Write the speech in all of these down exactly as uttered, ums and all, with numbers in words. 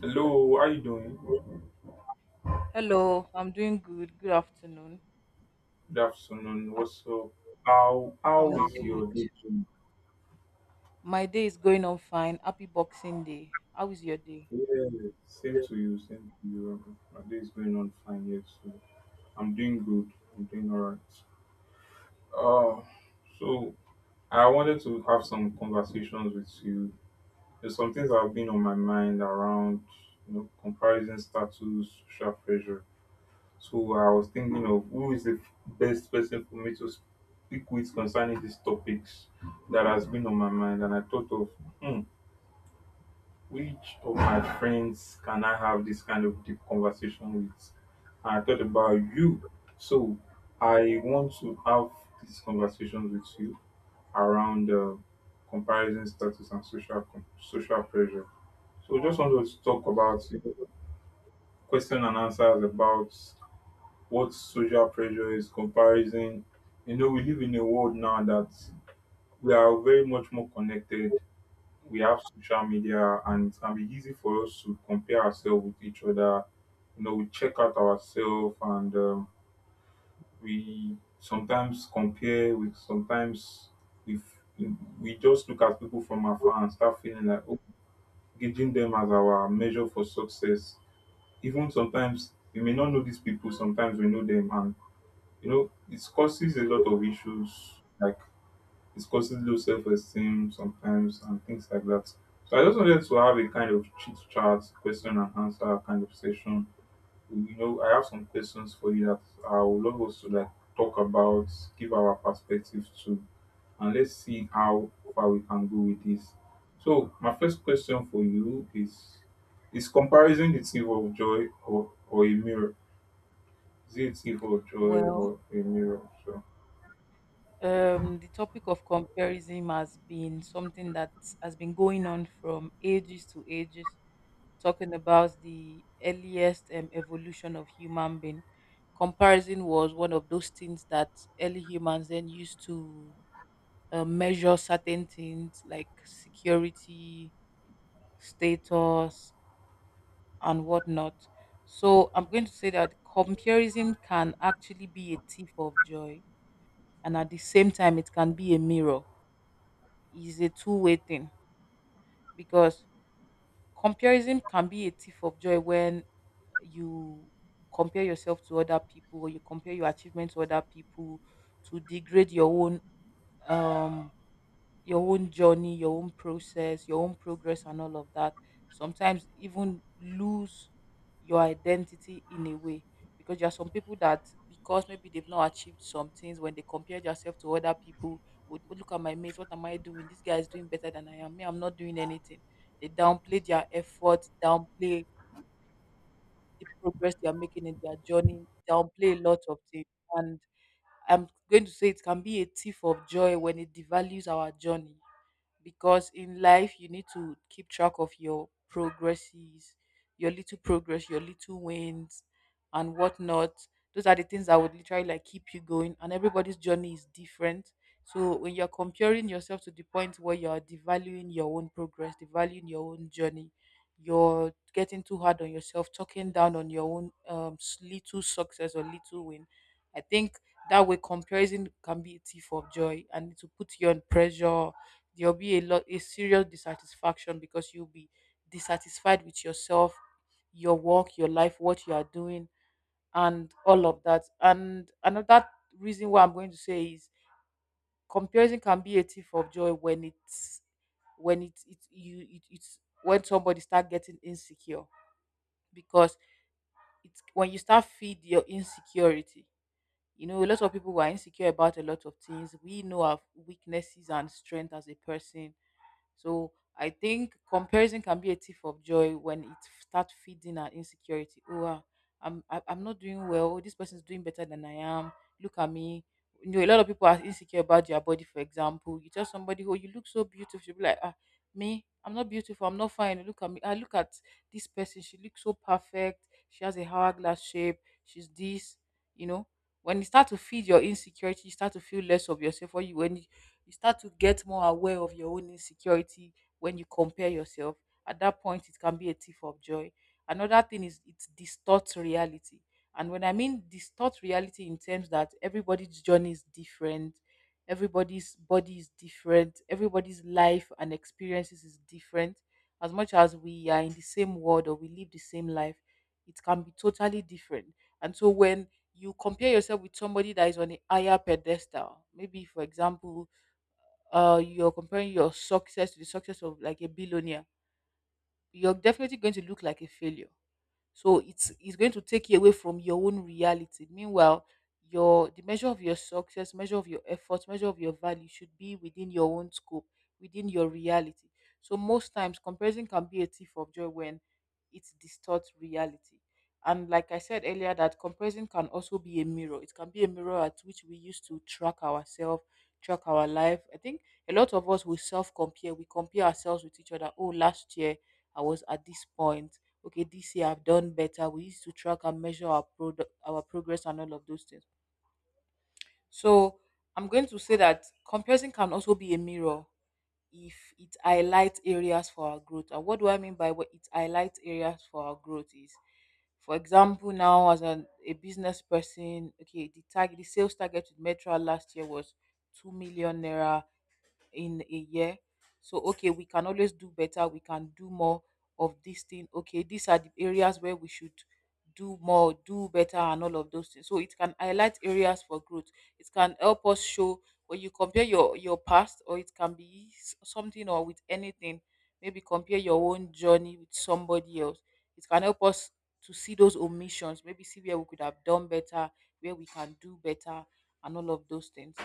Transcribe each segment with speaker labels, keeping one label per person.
Speaker 1: Hello, how you doing?
Speaker 2: Hello, I'm doing good. Good afternoon.
Speaker 1: Good afternoon.
Speaker 2: I-
Speaker 1: What's up? How
Speaker 2: I'm
Speaker 1: how is your
Speaker 2: good.
Speaker 1: day going?
Speaker 2: My day is going on fine. Happy Boxing Day. How is your day?
Speaker 1: Yeah, same to you, same to you. Um, My day is going on fine yet. Too. I'm doing good. I'm doing alright. Uh, so I wanted to have some conversations with you. There's some things that have been on my mind around, you know, comparison status, social pressure. So I was thinking of who is the best person for me to speak with concerning these topics that has been on my mind, and I thought of hmm, which of my friends can I have this kind of deep conversation with? And I thought about you. So I want to have these conversations with you around uh, comparison status and social social pressure. So just
Speaker 2: Wow.
Speaker 1: want to talk about you know, question and answers about what social pressure is, comparison. You know, we live in a world now that we are very much more connected. We have social media, and it can be easy for us to compare ourselves with each other. You know, we check out ourselves, and um, we sometimes compare. We sometimes we we just look at people from afar and start feeling like oh, gauging them as our measure for success. Even sometimes we may not know these people. Sometimes we know them, and you know, it causes a lot of issues, like it causes low self esteem sometimes and things like that. So I just wanted to have a kind of chit chat, question and answer kind of session. You know, I have some questions for you that I would love us to like talk about, give our perspective to, and let's see how far we can go with this. So my first question for you is is comparison the thief of joy or, or a mirror? Is it a thief of joy
Speaker 2: Well,
Speaker 1: or a mirror? So
Speaker 2: um, the topic of comparison has been something that has been going on from ages to ages, talking about the earliest um, evolution of human being. Comparison was one of those things that early humans then used to uh, measure certain things like security, status and whatnot. So I'm going to say that comparison can actually be a thief of joy, and at the same time, it can be a mirror. It's a two-way thing because comparison can be a thief of joy when you compare yourself to other people, or you compare your achievements to other people, to degrade your own um your own journey, your own process, your own progress, and all of that. Sometimes even lose your identity in a way because there are some people that because maybe they've not achieved some things when they compare yourself to other people would, "Oh, look at my mates, what am I doing? This guy is doing better than I am. Me, I'm not doing anything." They downplay their effort, downplay the progress they are making in their journey, downplay a lot of things. And I'm going to say it can be a thief of joy when it devalues our journey, because in life you need to keep track of your progresses, your little progress, your little wins, and whatnot. Those are the things that would literally like keep you going. And everybody's journey is different. So when you're comparing yourself to the point where you're devaluing your own progress, devaluing your own journey, you're getting too hard on yourself, talking down on your own um, s- little success or little win. I think that way comparison can be a thief of joy and it will put you on pressure. There'll be a lot, a serious dissatisfaction because you'll be dissatisfied with yourself, your work, your life, what you are doing, and all of that. And another reason why I'm going to say is comparison can be a thief of joy when it's when it's it you it, it's when somebody start getting insecure, because it's when you start feed your insecurity. You know, a lot of people who are insecure about a lot of things, we know our weaknesses and strength as a person. So I think comparison can be a thief of joy when it starts feeding our insecurity. Oh, ah, I'm I- I'm not doing well. This person's doing better than I am. Look at me. You know, a lot of people are insecure about their body. For example, you tell somebody, "Oh, you look so beautiful," she'll be like, "Ah, me, I'm not beautiful. I'm not fine. Look at me. I look at this person. She looks so perfect. She has a hourglass shape. She's this." You know, when you start to feed your insecurity, you start to feel less of yourself. When you when you start to get more aware of your own insecurity when you compare yourself. At that point, it can be a thief of joy. Another thing is it distorts reality. And when I mean distort reality in terms that everybody's journey is different, everybody's body is different, everybody's life and experiences is different. As much as we are in the same world or we live the same life, it can be totally different. And so when you compare yourself with somebody that is on a higher pedestal, maybe for example, uh you're comparing your success to the success of like a billionaire, you're definitely going to look like a failure. So it's it's going to take you away from your own reality. Meanwhile, your the measure of your success, measure of your effort, measure of your value should be within your own scope, within your reality. So most times comparison can be a thief of joy when it distorts reality. And like I said earlier, that comparison can also be a mirror. It can be a mirror at which we use to track ourselves, track our life. I think a lot of us will self compare. We compare ourselves with each other. Oh, last year I was at this point, okay, this year I've done better. We used to track and measure our product, our progress, and all of those things. So I'm going to say that comparison can also be a mirror if it highlights areas for our growth. And what do I mean by what it highlights areas for our growth is, for example, now as an, a business person, okay, the target, the sales target with metro last year was two million naira in a year. So okay, we can always do better. We can do more of this thing. Okay, these are the areas where we should do more, do better, and all of those things. So it can highlight areas for growth. It can help us show when you compare your your past, or it can be s- something, or with anything. Maybe compare your own journey with somebody else. It can help us to see those omissions. Maybe see where we could have done better, where we can do better, and all of those things.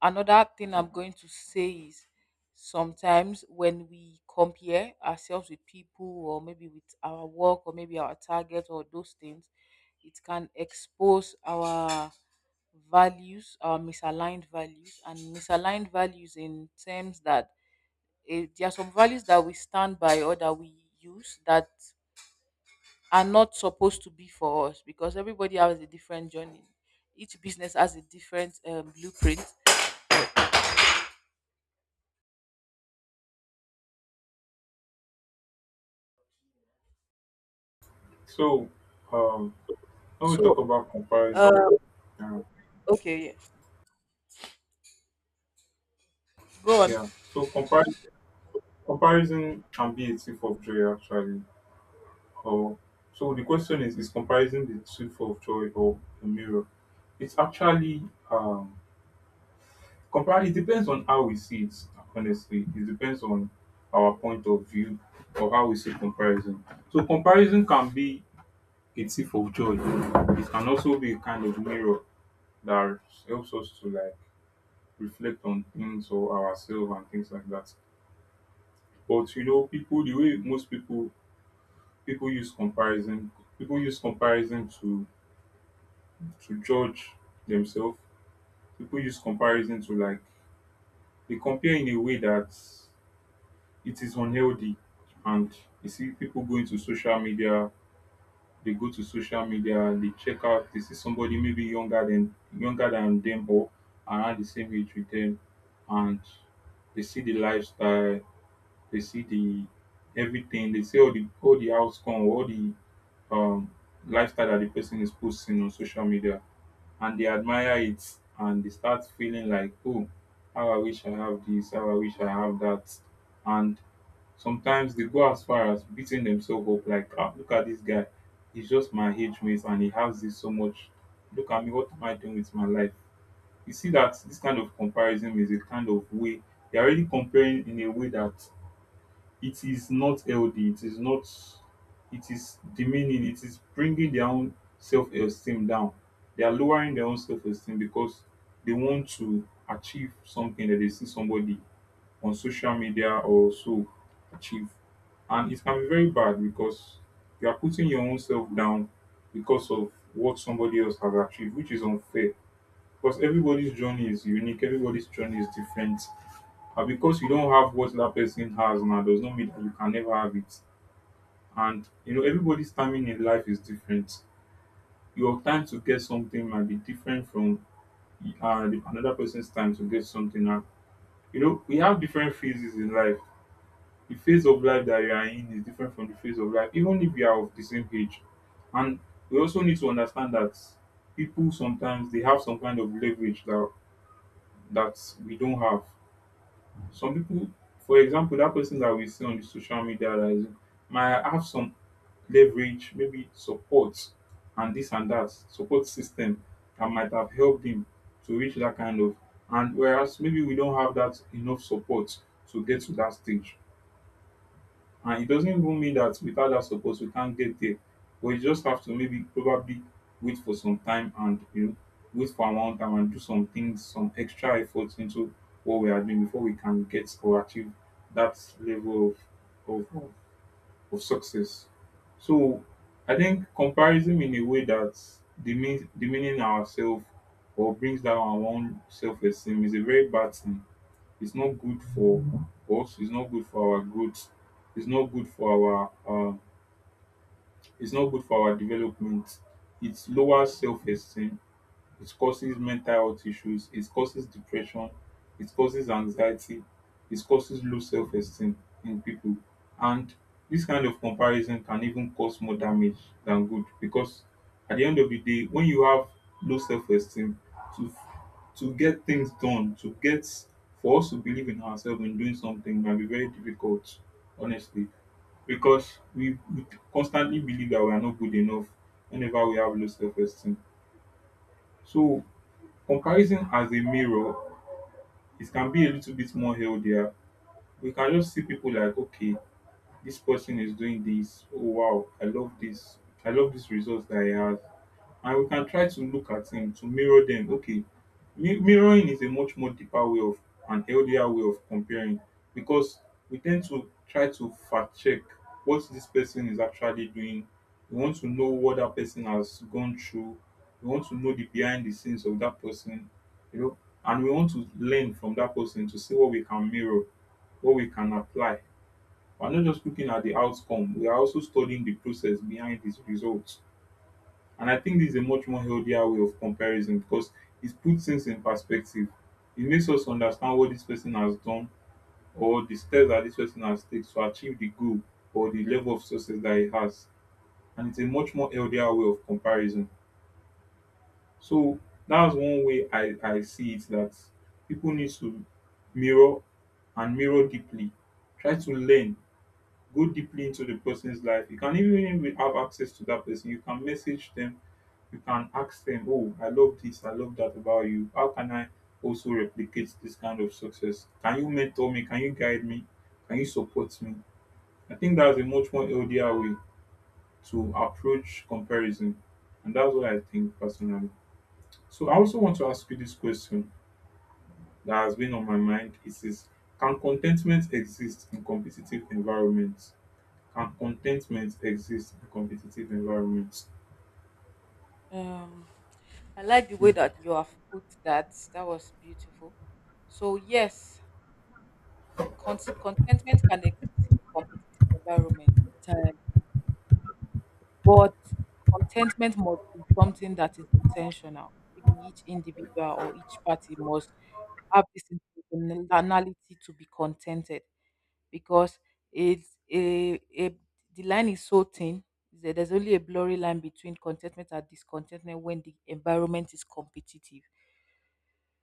Speaker 2: Another thing I'm going to say is sometimes when we compare ourselves with people or maybe with our work or maybe our target or those things, it can expose our values, our misaligned values, and misaligned values in terms that eh, there are some values that we stand by or that we use that are not supposed to be for us because everybody has a different journey. Each business has a different um, blueprint.
Speaker 1: So, um, when we talk
Speaker 2: So
Speaker 1: about comparison,
Speaker 2: uh,
Speaker 1: uh,
Speaker 2: okay, yeah. Go on.
Speaker 1: yeah, so compar- comparison can be a thief of joy actually. Or so the question is: Is comparison the thief of joy or a mirror? It's actually um, compar. It depends on how we see it. Honestly, it depends on our point of view or how we see comparison. So comparison can be a thief of joy. It can also be a kind of mirror that helps us to like reflect on things or ourselves and things like that. But you know, people the way most people people use comparison people use comparison to to judge themselves. People use comparison to like they compare in a way that it is unhealthy. And you see people going to social media, they go to social media they check out, they see somebody maybe younger than younger than them or around the same age with them and they see the lifestyle. They see the everything. They see all the all the outcome, all the um, lifestyle that the person is posting on social media, and they admire it, and they start feeling like, oh, how I wish I have this, how I wish I have that, and sometimes they go as far as beating themselves up like ah, look at this guy, he's just my age mate and he has this so much. Look at me, what am I doing with my life? You see that this kind of comparison is a kind of way they're already comparing in a way that it is not healthy, it is not, it is demeaning, it is bringing their own self-esteem down. They are lowering their own self-esteem because they want to achieve something that they see somebody on social media or so achieve. And it can be very bad because you are putting your own self down because of what somebody else has achieved, which is unfair because everybody's journey is unique, everybody's journey is different. And because you don't have what that person has now does not mean that you can never have it. And you know, everybody's timing in life is different. Your time to get something might be different from uh, the- another person's time to get something. And you know, we have different phases in life. The phase of life that you are in is different from the phase of life, even if you are of the same age. And we also need to understand that people sometimes they have some kind of leverage that that we don't have. Some people, for example, that person that we see on the social media that is, might have some leverage, maybe support and this and that support system that might have helped him to reach that kind of. And whereas maybe we don't have that enough support to get to that stage. And it doesn't even mean that without that support we can't get there, but you just have to maybe probably wait for some time and you know wait for a long time and do some things, some extra efforts into what we are doing before we can get or achieve that level of of, of of success. So I think comparison in a way that demeans demeaning ourselves or brings down our own self esteem is a very bad thing. It's not good for us. It's not good for our growth. It's not good for our um, it's not good for our development. It lowers self esteem, it causes mental health issues, it causes depression, it causes anxiety, it causes low self esteem in people. And this kind of comparison can even cause more damage than good because at the end of the day, when you have low self esteem, to to get things done, to get for us to believe in ourselves in doing something can be very difficult, honestly, because we, we constantly believe that we are not good enough whenever we have low self esteem. So comparison as a mirror, it can be a little bit more healthier. We can just see people like, okay, this person is doing this. Oh wow, I love this. I love this result that he has and we can try to look at them to mirror them. Okay, mi- mirroring is a much more deeper way of and healthier way of comparing because we tend to try to fact check what this person is actually doing. We want to know what that person has gone through. We want to know the behind the scenes of that person, you know, and we want to learn from that person to see what we can mirror, what we can apply. We're not just looking at the outcome, we are also studying the process behind these results. And I think this is a much more healthier way of comparison because it puts things in perspective. It makes us understand what this person has done or the steps that this person has taken to achieve the goal or the level of success that he has. And it's a much more healthier way of comparison. So that's one way I, I see it that people need to mirror and mirror deeply. Try to learn go deeply into the person's life. You can even if have access to that person, you can message them, you can ask them, Oh, I love this, I love that about you. How can I also replicate this kind of success? Can you mentor me? Can you guide me? Can you support me? I think that's a much more healthier way to approach comparison. And that's what I think personally. So I also want to ask you this question that has been on my mind. It is can contentment exist in competitive environments? Can contentment exist in competitive environments?
Speaker 2: Um, I like the way that you have put that. That was beautiful. So yes, con- contentment can exist in a competitive environment, entirely, but contentment must be something that is intentional. Maybe each individual or each party must have this intentionality to be contented, because it's a, a the line is so thin that there's only a blurry line between contentment and discontentment when the environment is competitive.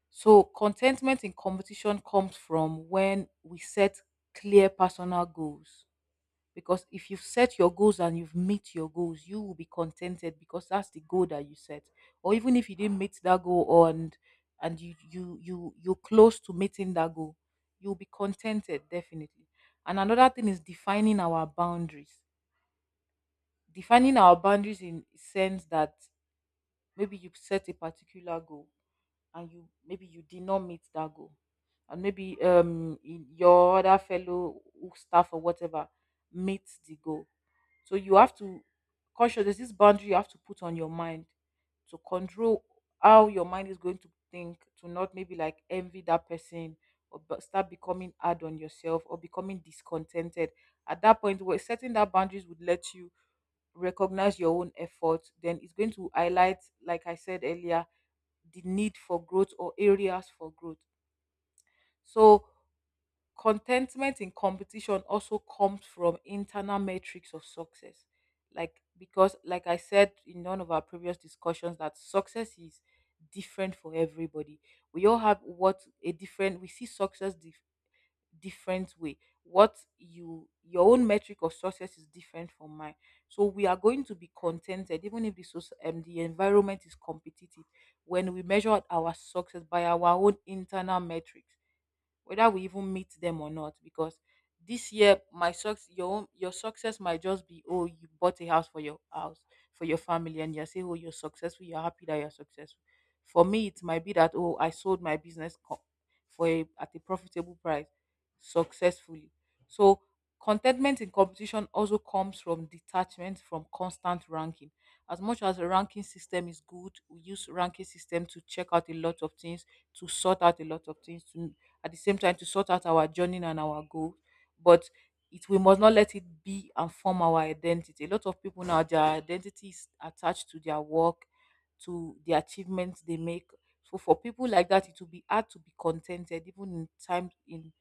Speaker 2: So contentment in competition comes from when we set clear personal goals, because if you've set your goals and you've met your goals, you will be contented because that's the goal that you set. Or even if you didn't meet that goal or and and you you you you're close to meeting that goal, you'll be contented definitely. And another thing is defining our boundaries. Defining our boundaries in sense that maybe you set a particular goal and you maybe you did not meet that goal, and maybe um in- your other fellow staff or whatever meets the goal, so you have to conscious there's this boundary you have to put on your mind to control how your mind is going to think, to not maybe like envy that person or but start becoming hard on yourself or becoming discontented. At that point where setting that boundaries would let you recognize your own effort, then it's going to highlight, like I said earlier, the need for growth or areas for growth. So contentment in competition also comes from internal metrics of success, like because like I said in one of our previous discussions that success is different for everybody. We all have what a different, we see success dif- different way. What you, your own metric of success is different from mine. So we are going to be contented even if the soc- um, the environment is competitive when we measure our success by our own internal metrics, whether we even meet them or not. Because this year my success, your own, your success might just be, oh, you bought a house for your house for your family, and you're saying, oh, you're successful, you're happy that you're successful. For me it might be that, oh, I sold my business co- for a, at a profitable price successfully. So contentment in competition also comes from detachment from constant ranking. As much as a ranking system is good, we use ranking system to check out a lot of things, to sort out a lot of things, to at the same time to sort out our journey and our goal. But it we must not let it be and form our identity. A lot of people now their identity is attached to their work, to the achievements they make. So for people like that, it will be hard to be contented even in times in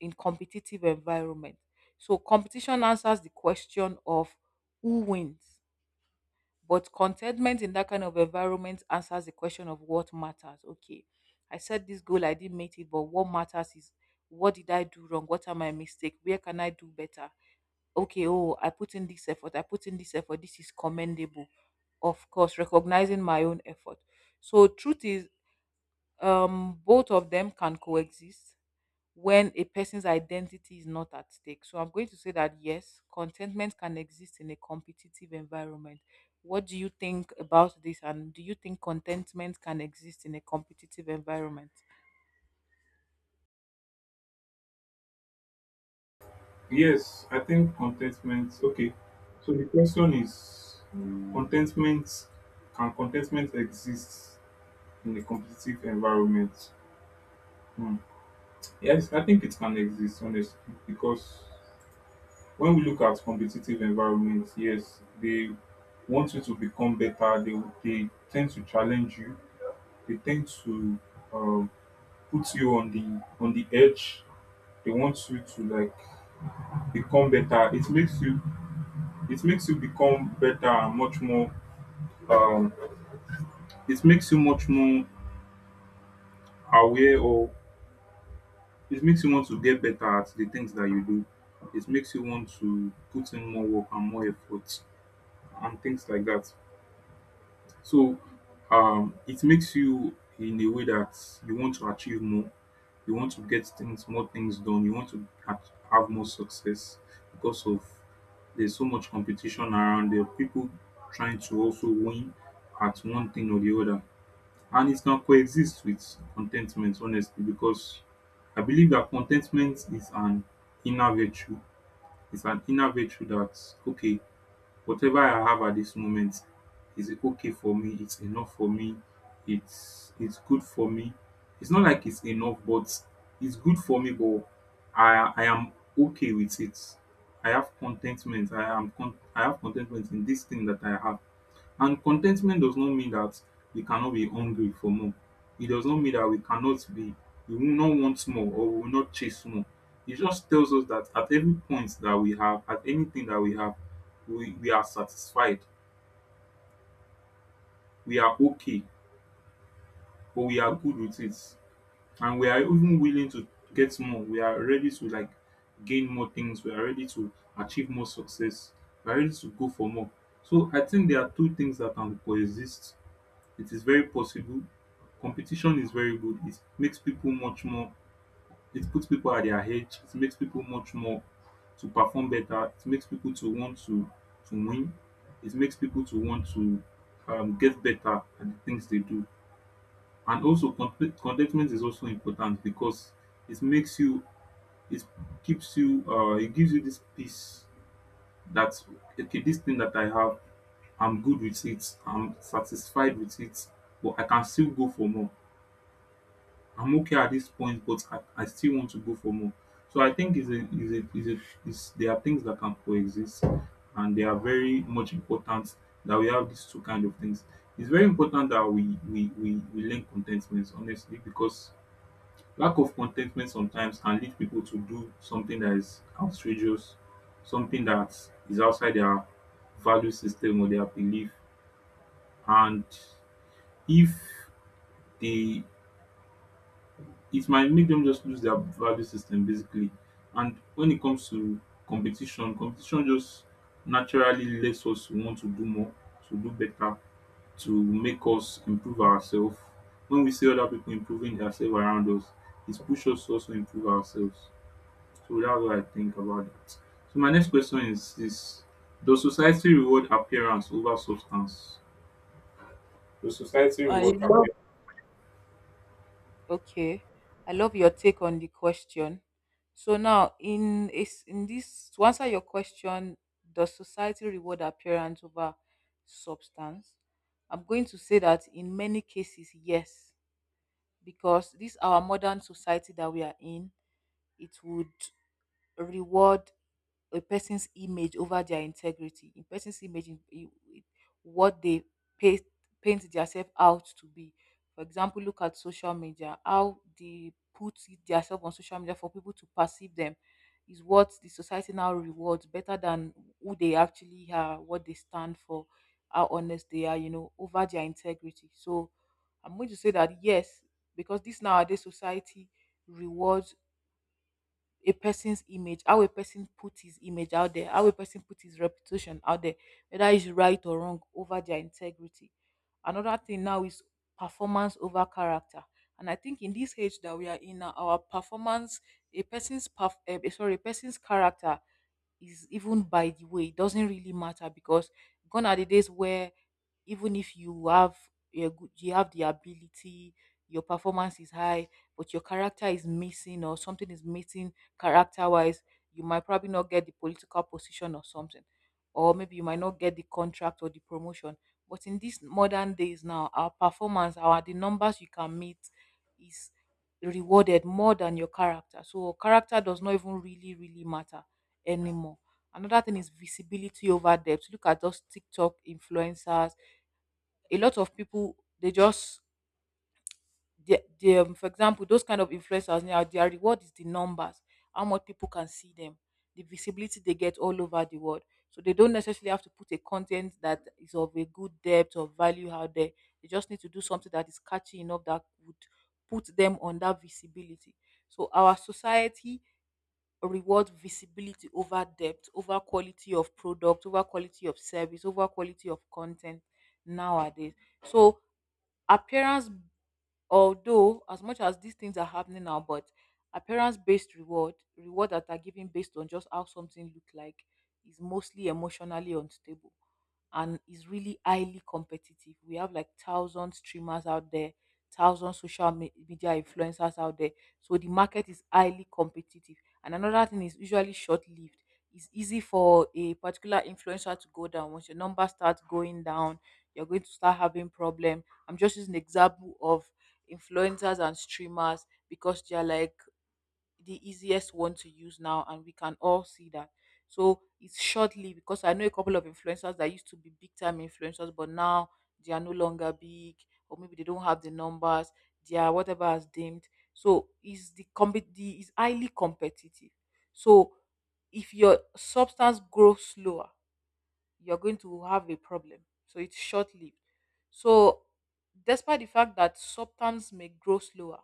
Speaker 2: in competitive environment. So competition answers the question of who wins, but contentment in that kind of environment answers the question of what matters. Okay, I set this goal, I didn't meet it, but what matters is, what did I do wrong? What are my mistakes? Where can I do better? Okay, oh, I put in this effort, I put in this effort, this is commendable. Of course, recognizing my own effort. So, truth is, um, both of them can coexist when a person's identity is not at stake. So I'm going to say that yes, contentment can exist in a competitive environment. What do you think about this? And do you think contentment can exist in a competitive environment?
Speaker 1: Yes, I think contentment. Okay, so the question is contentment can contentment exist in a competitive environment? Hmm. Yes, I think it can exist honestly because when we look at competitive environments, yes, they want you to become better. They they tend to challenge you. They tend to um, put you on the on the edge. They want you to like become better. It makes you it makes you become better and much more um it makes you much more aware, or it makes you want to get better at the things that you do. It makes you want to put in more work and more effort and things like that. So um it makes you in a way that you want to achieve more. You want to get things more things done. You want to act- have more success because of— there's so much competition around. There are people trying to also win at one thing or the other. And it can coexist with contentment honestly, because I believe that contentment is an inner virtue. It's an inner virtue that, okay, whatever I have at this moment is okay for me, it's enough for me, it's it's good for me. It's not like it's enough, but it's good for me. But i i am okay with it. I have contentment. i am con- I have contentment in this thing that I have. And contentment does not mean that we cannot be hungry for more. It does not mean that we cannot be, we will not want more, or we will not chase more. It just tells us that at every point that we have, at anything that we have, we, we are satisfied, we are okay, or we are good with it. And we are even willing to get more. We are ready to like gain more things. We are ready to achieve more success. We are ready to go for more. So I think there are two things that can coexist. It is very possible. Competition is very good. It makes people much more, it puts people at their edge. It makes people much more to perform better. It makes people to want to, to win. It makes people to want to um, get better at the things they do. And also, content- contentment is also important because it makes you, it keeps you, uh, it gives you this peace that, okay, this thing that I have, I'm good with it, I'm satisfied with it, but I can still go for more. I'm okay at this point, but I, I still want to go for more. So I think is a is a is a is there are things that can coexist, and they are very much important, that we have these two kind of things. It's very important that we we we, we learn contentment honestly, because lack of contentment sometimes can lead people to do something that is outrageous, something that is outside their value system or their belief. And if they— it might make them just lose their value system basically. And when it comes to competition, competition just naturally lets us want to do more, to do better, to make us improve ourselves. When we see other people improving themselves around us, it pushes us to also improve ourselves. So that's what I think about that. So my next question is this: does society reward appearance over substance? Does society
Speaker 2: I
Speaker 1: reward
Speaker 2: love
Speaker 1: appearance?
Speaker 2: Okay, I love your take on the question. So now, in is in this to answer your question, does society reward appearance over substance? I'm going to say that in many cases, yes, because this our modern society that we are in, it would reward a person's image over their integrity, a person's image in, in, in what they paint, paint themselves out to be. For example, look at social media, how they put themselves on social media for people to perceive them is what the society now rewards better than who they actually are, what they stand for, how honest they are, you know, over their integrity. So I'm going to say that yes, because this nowadays society rewards a person's image, how a person put his image out there, how a person put his reputation out there, whether it's right or wrong, over their integrity. Another thing now is performance over character. And I think in this age that we are in now, our performance, a person's perf- eh, sorry, a person's character is even by the way, it doesn't really matter, because gone are the days where even if you have a good you have the ability, your performance is high, but your character is missing or something is missing character wise, you might probably not get the political position or something, or maybe you might not get the contract or the promotion. But in these modern days now, our performance, our the numbers you can meet, is rewarded more than your character. So character does not even really really matter anymore. Another thing is visibility over depth. Look at those TikTok influencers. A lot of people they just they, they, um, for example, those kind of influencers now, their reward is the numbers, how much people can see them, the visibility they get all over the world. So they don't necessarily have to put a content that is of a good depth or value out there. They just need to do something that is catchy enough that would put them on that visibility. So our society reward visibility over depth, over quality of product, over quality of service, over quality of content nowadays. So appearance, although, as much as these things are happening now, but appearance-based reward, reward that are given based on just how something look like, is mostly emotionally unstable and is really highly competitive. We have like thousand streamers out there, thousand social me- media influencers out there. So the market is highly competitive. And another thing is usually short-lived. It's easy for a particular influencer to go down. Once your number starts going down, you're going to start having problem. I'm just using the example of influencers and streamers because they are like the easiest one to use now and we can all see that. So it's shortly because I know a couple of influencers that used to be big time influencers, but now they are no longer big, or maybe they don't have the numbers, they are whatever as deemed. So is the compet the is highly competitive. So if your substance grows slower, you're going to have a problem. So it's short lived. So, despite the fact that substance may grow slower,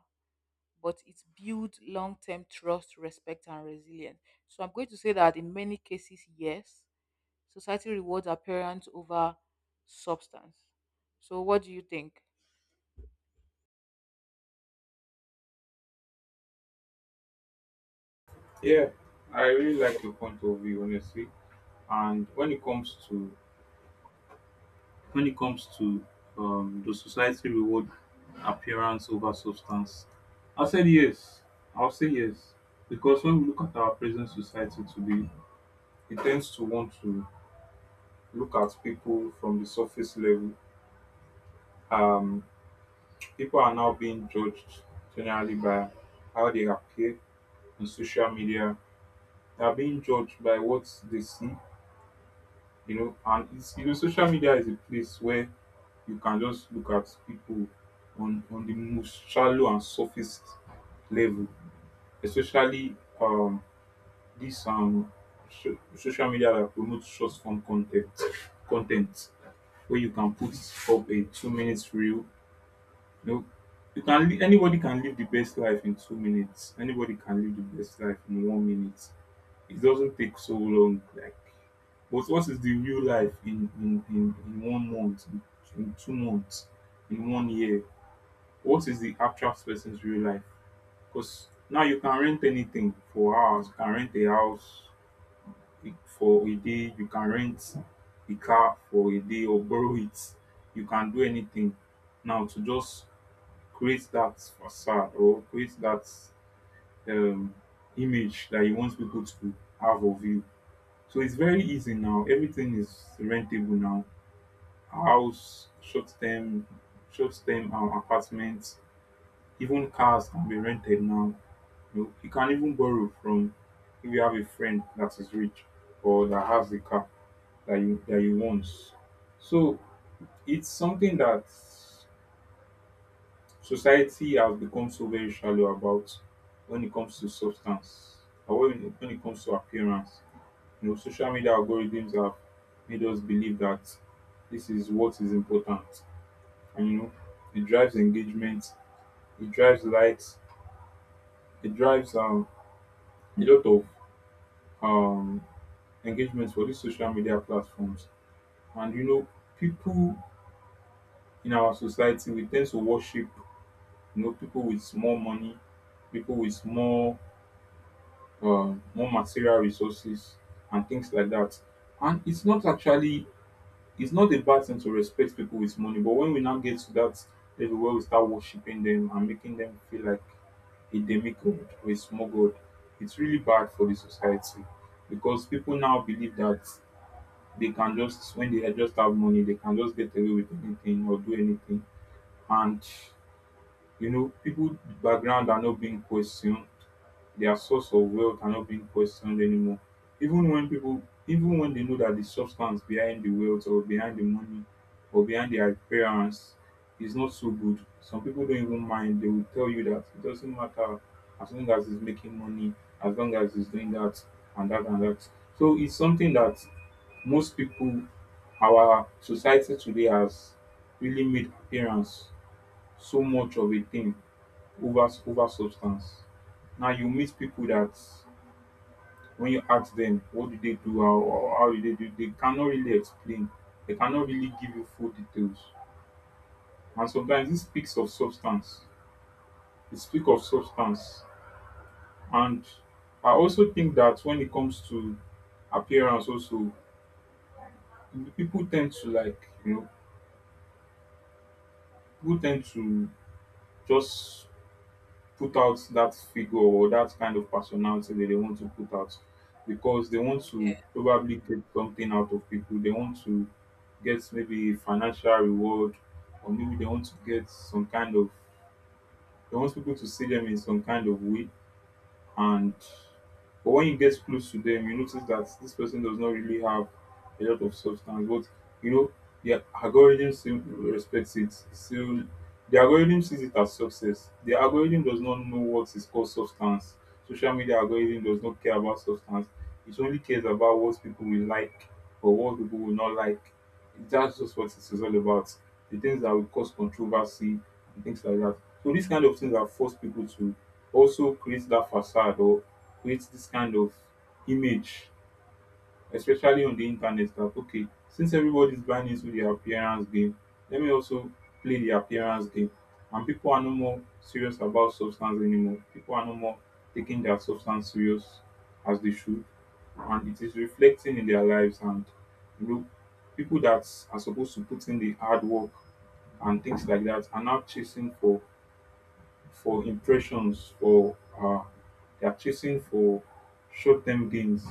Speaker 2: but it builds long term trust, respect, and resilience. So, I'm going to say that in many cases, yes, society rewards appearance over substance. So, what do you think?
Speaker 1: Yeah, I really like your point of view, honestly. And when it comes to— when it comes to um, the society reward appearance over substance, I said yes. I'll say yes, because when we look at our present society today, it tends to want to look at people from the surface level. Um, People are now being judged generally by how they appear on social media. They are being judged by what they see, you know, and it's you know, social media is a place where you can just look at people on on the most shallow and surface level, especially um this um so- social media that promotes short form content content where you can put up a two minutes reel. You know, you can li- anybody can live the best life in two minutes. Anybody can live the best life in one minute. It doesn't take so long. Like, but what is the real life in in in, in one month, in, in two months, in one year? What is the actual person's real life? Because now you can rent anything for hours. You can rent a house i- for a day. You can rent a car for a day, or borrow it. You can do anything now to just create that facade, or create that um, image that you want people to have of you. So it's very easy now. Everything is rentable now. House, short term, short term um, apartments, even cars can be rented now. You know, you can even borrow from— if you have a friend that is rich or that has the car that you that you want. So it's something that society has become so very shallow about when it comes to substance, or when, when it comes to appearance. You know, social media algorithms have made us believe that this is what is important. And you know, it drives engagement, it drives likes, it drives um, a lot of um, engagement for these social media platforms. And you know, people in our society, we tend to worship, you know, people with more money, people with more um, more material resources and things like that. And it's not actually— it's not a bad thing to respect people with money, but when we now get to that level where we start worshiping them and making them feel like a demigod or a small god, it's really bad for the society, because people now believe that they can just— when they just have money, they can just get away with anything or do anything. And you know, people background are not being questioned. Their source of wealth are not being questioned anymore. Even when people, even when they know that the substance behind the wealth, or behind the money, or behind their appearance is not so good, some people don't even mind. They will tell you that it doesn't matter, as long as he's making money, as long as he's doing that and that and that. So it's something that most people— our society today has really made appearance so much of a thing over over substance. Now you meet people that when you ask them what do they do how, or how do they do, they cannot really explain. They cannot really give you full details. And sometimes this speaks of substance. It speaks of substance. And I also think that when it comes to appearance also, people tend to like, you know, people tend to just put out that figure or that kind of personality that they want to put out, because they want to probably get something out of people. They want to get maybe financial reward, or maybe they want to get some kind of— they want people to see them in some kind of way. And but when you get close to them, you notice that this person does not really have a lot of substance. But you know, the algorithm still respects it. Still The algorithm sees it as success. The algorithm does not know what is called substance. Social media algorithm does not care about substance. It only cares about what people will like or what people will not like. That's just what it is all about. The things that will cause controversy and things like that. So these kind of things have forced people to also create that facade, or create this kind of image, especially on the internet, that okay, since everybody's buying into the appearance game, let me also play the appearance game. And people are no more serious about substance anymore. People are no more taking their substance serious as they should, and it is reflecting in their lives. And you know, people that are supposed to put in the hard work and things like that are now chasing for— for impressions for uh they are chasing for short-term gains,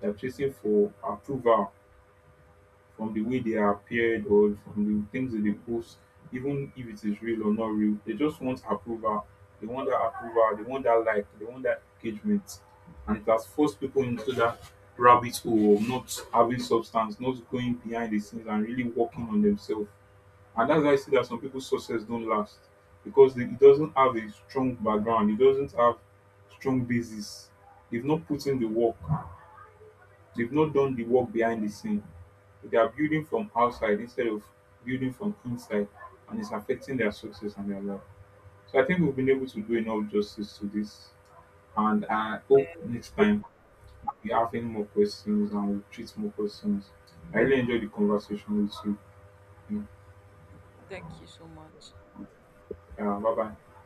Speaker 1: they are chasing for approval from the way they appeared, or from the things that they post, even if it is real or not real. They just want approval. They want that approval. They want that like. They want that engagement. And it has forced people into that rabbit hole of not having substance, not going behind the scenes and really working on themselves. And that's why I see that some people's success don't last, because they, it doesn't have a strong background. It doesn't have strong basis. They've not put in the work. They've not done the work behind the scene. They are building from outside instead of building from inside, and it's affecting their success and their life. So I think we've been able to do enough justice to this, and I hope next time we have any more questions and we treat more questions. I really enjoyed the conversation with you.
Speaker 2: Thank you so much.
Speaker 1: Yeah, bye bye.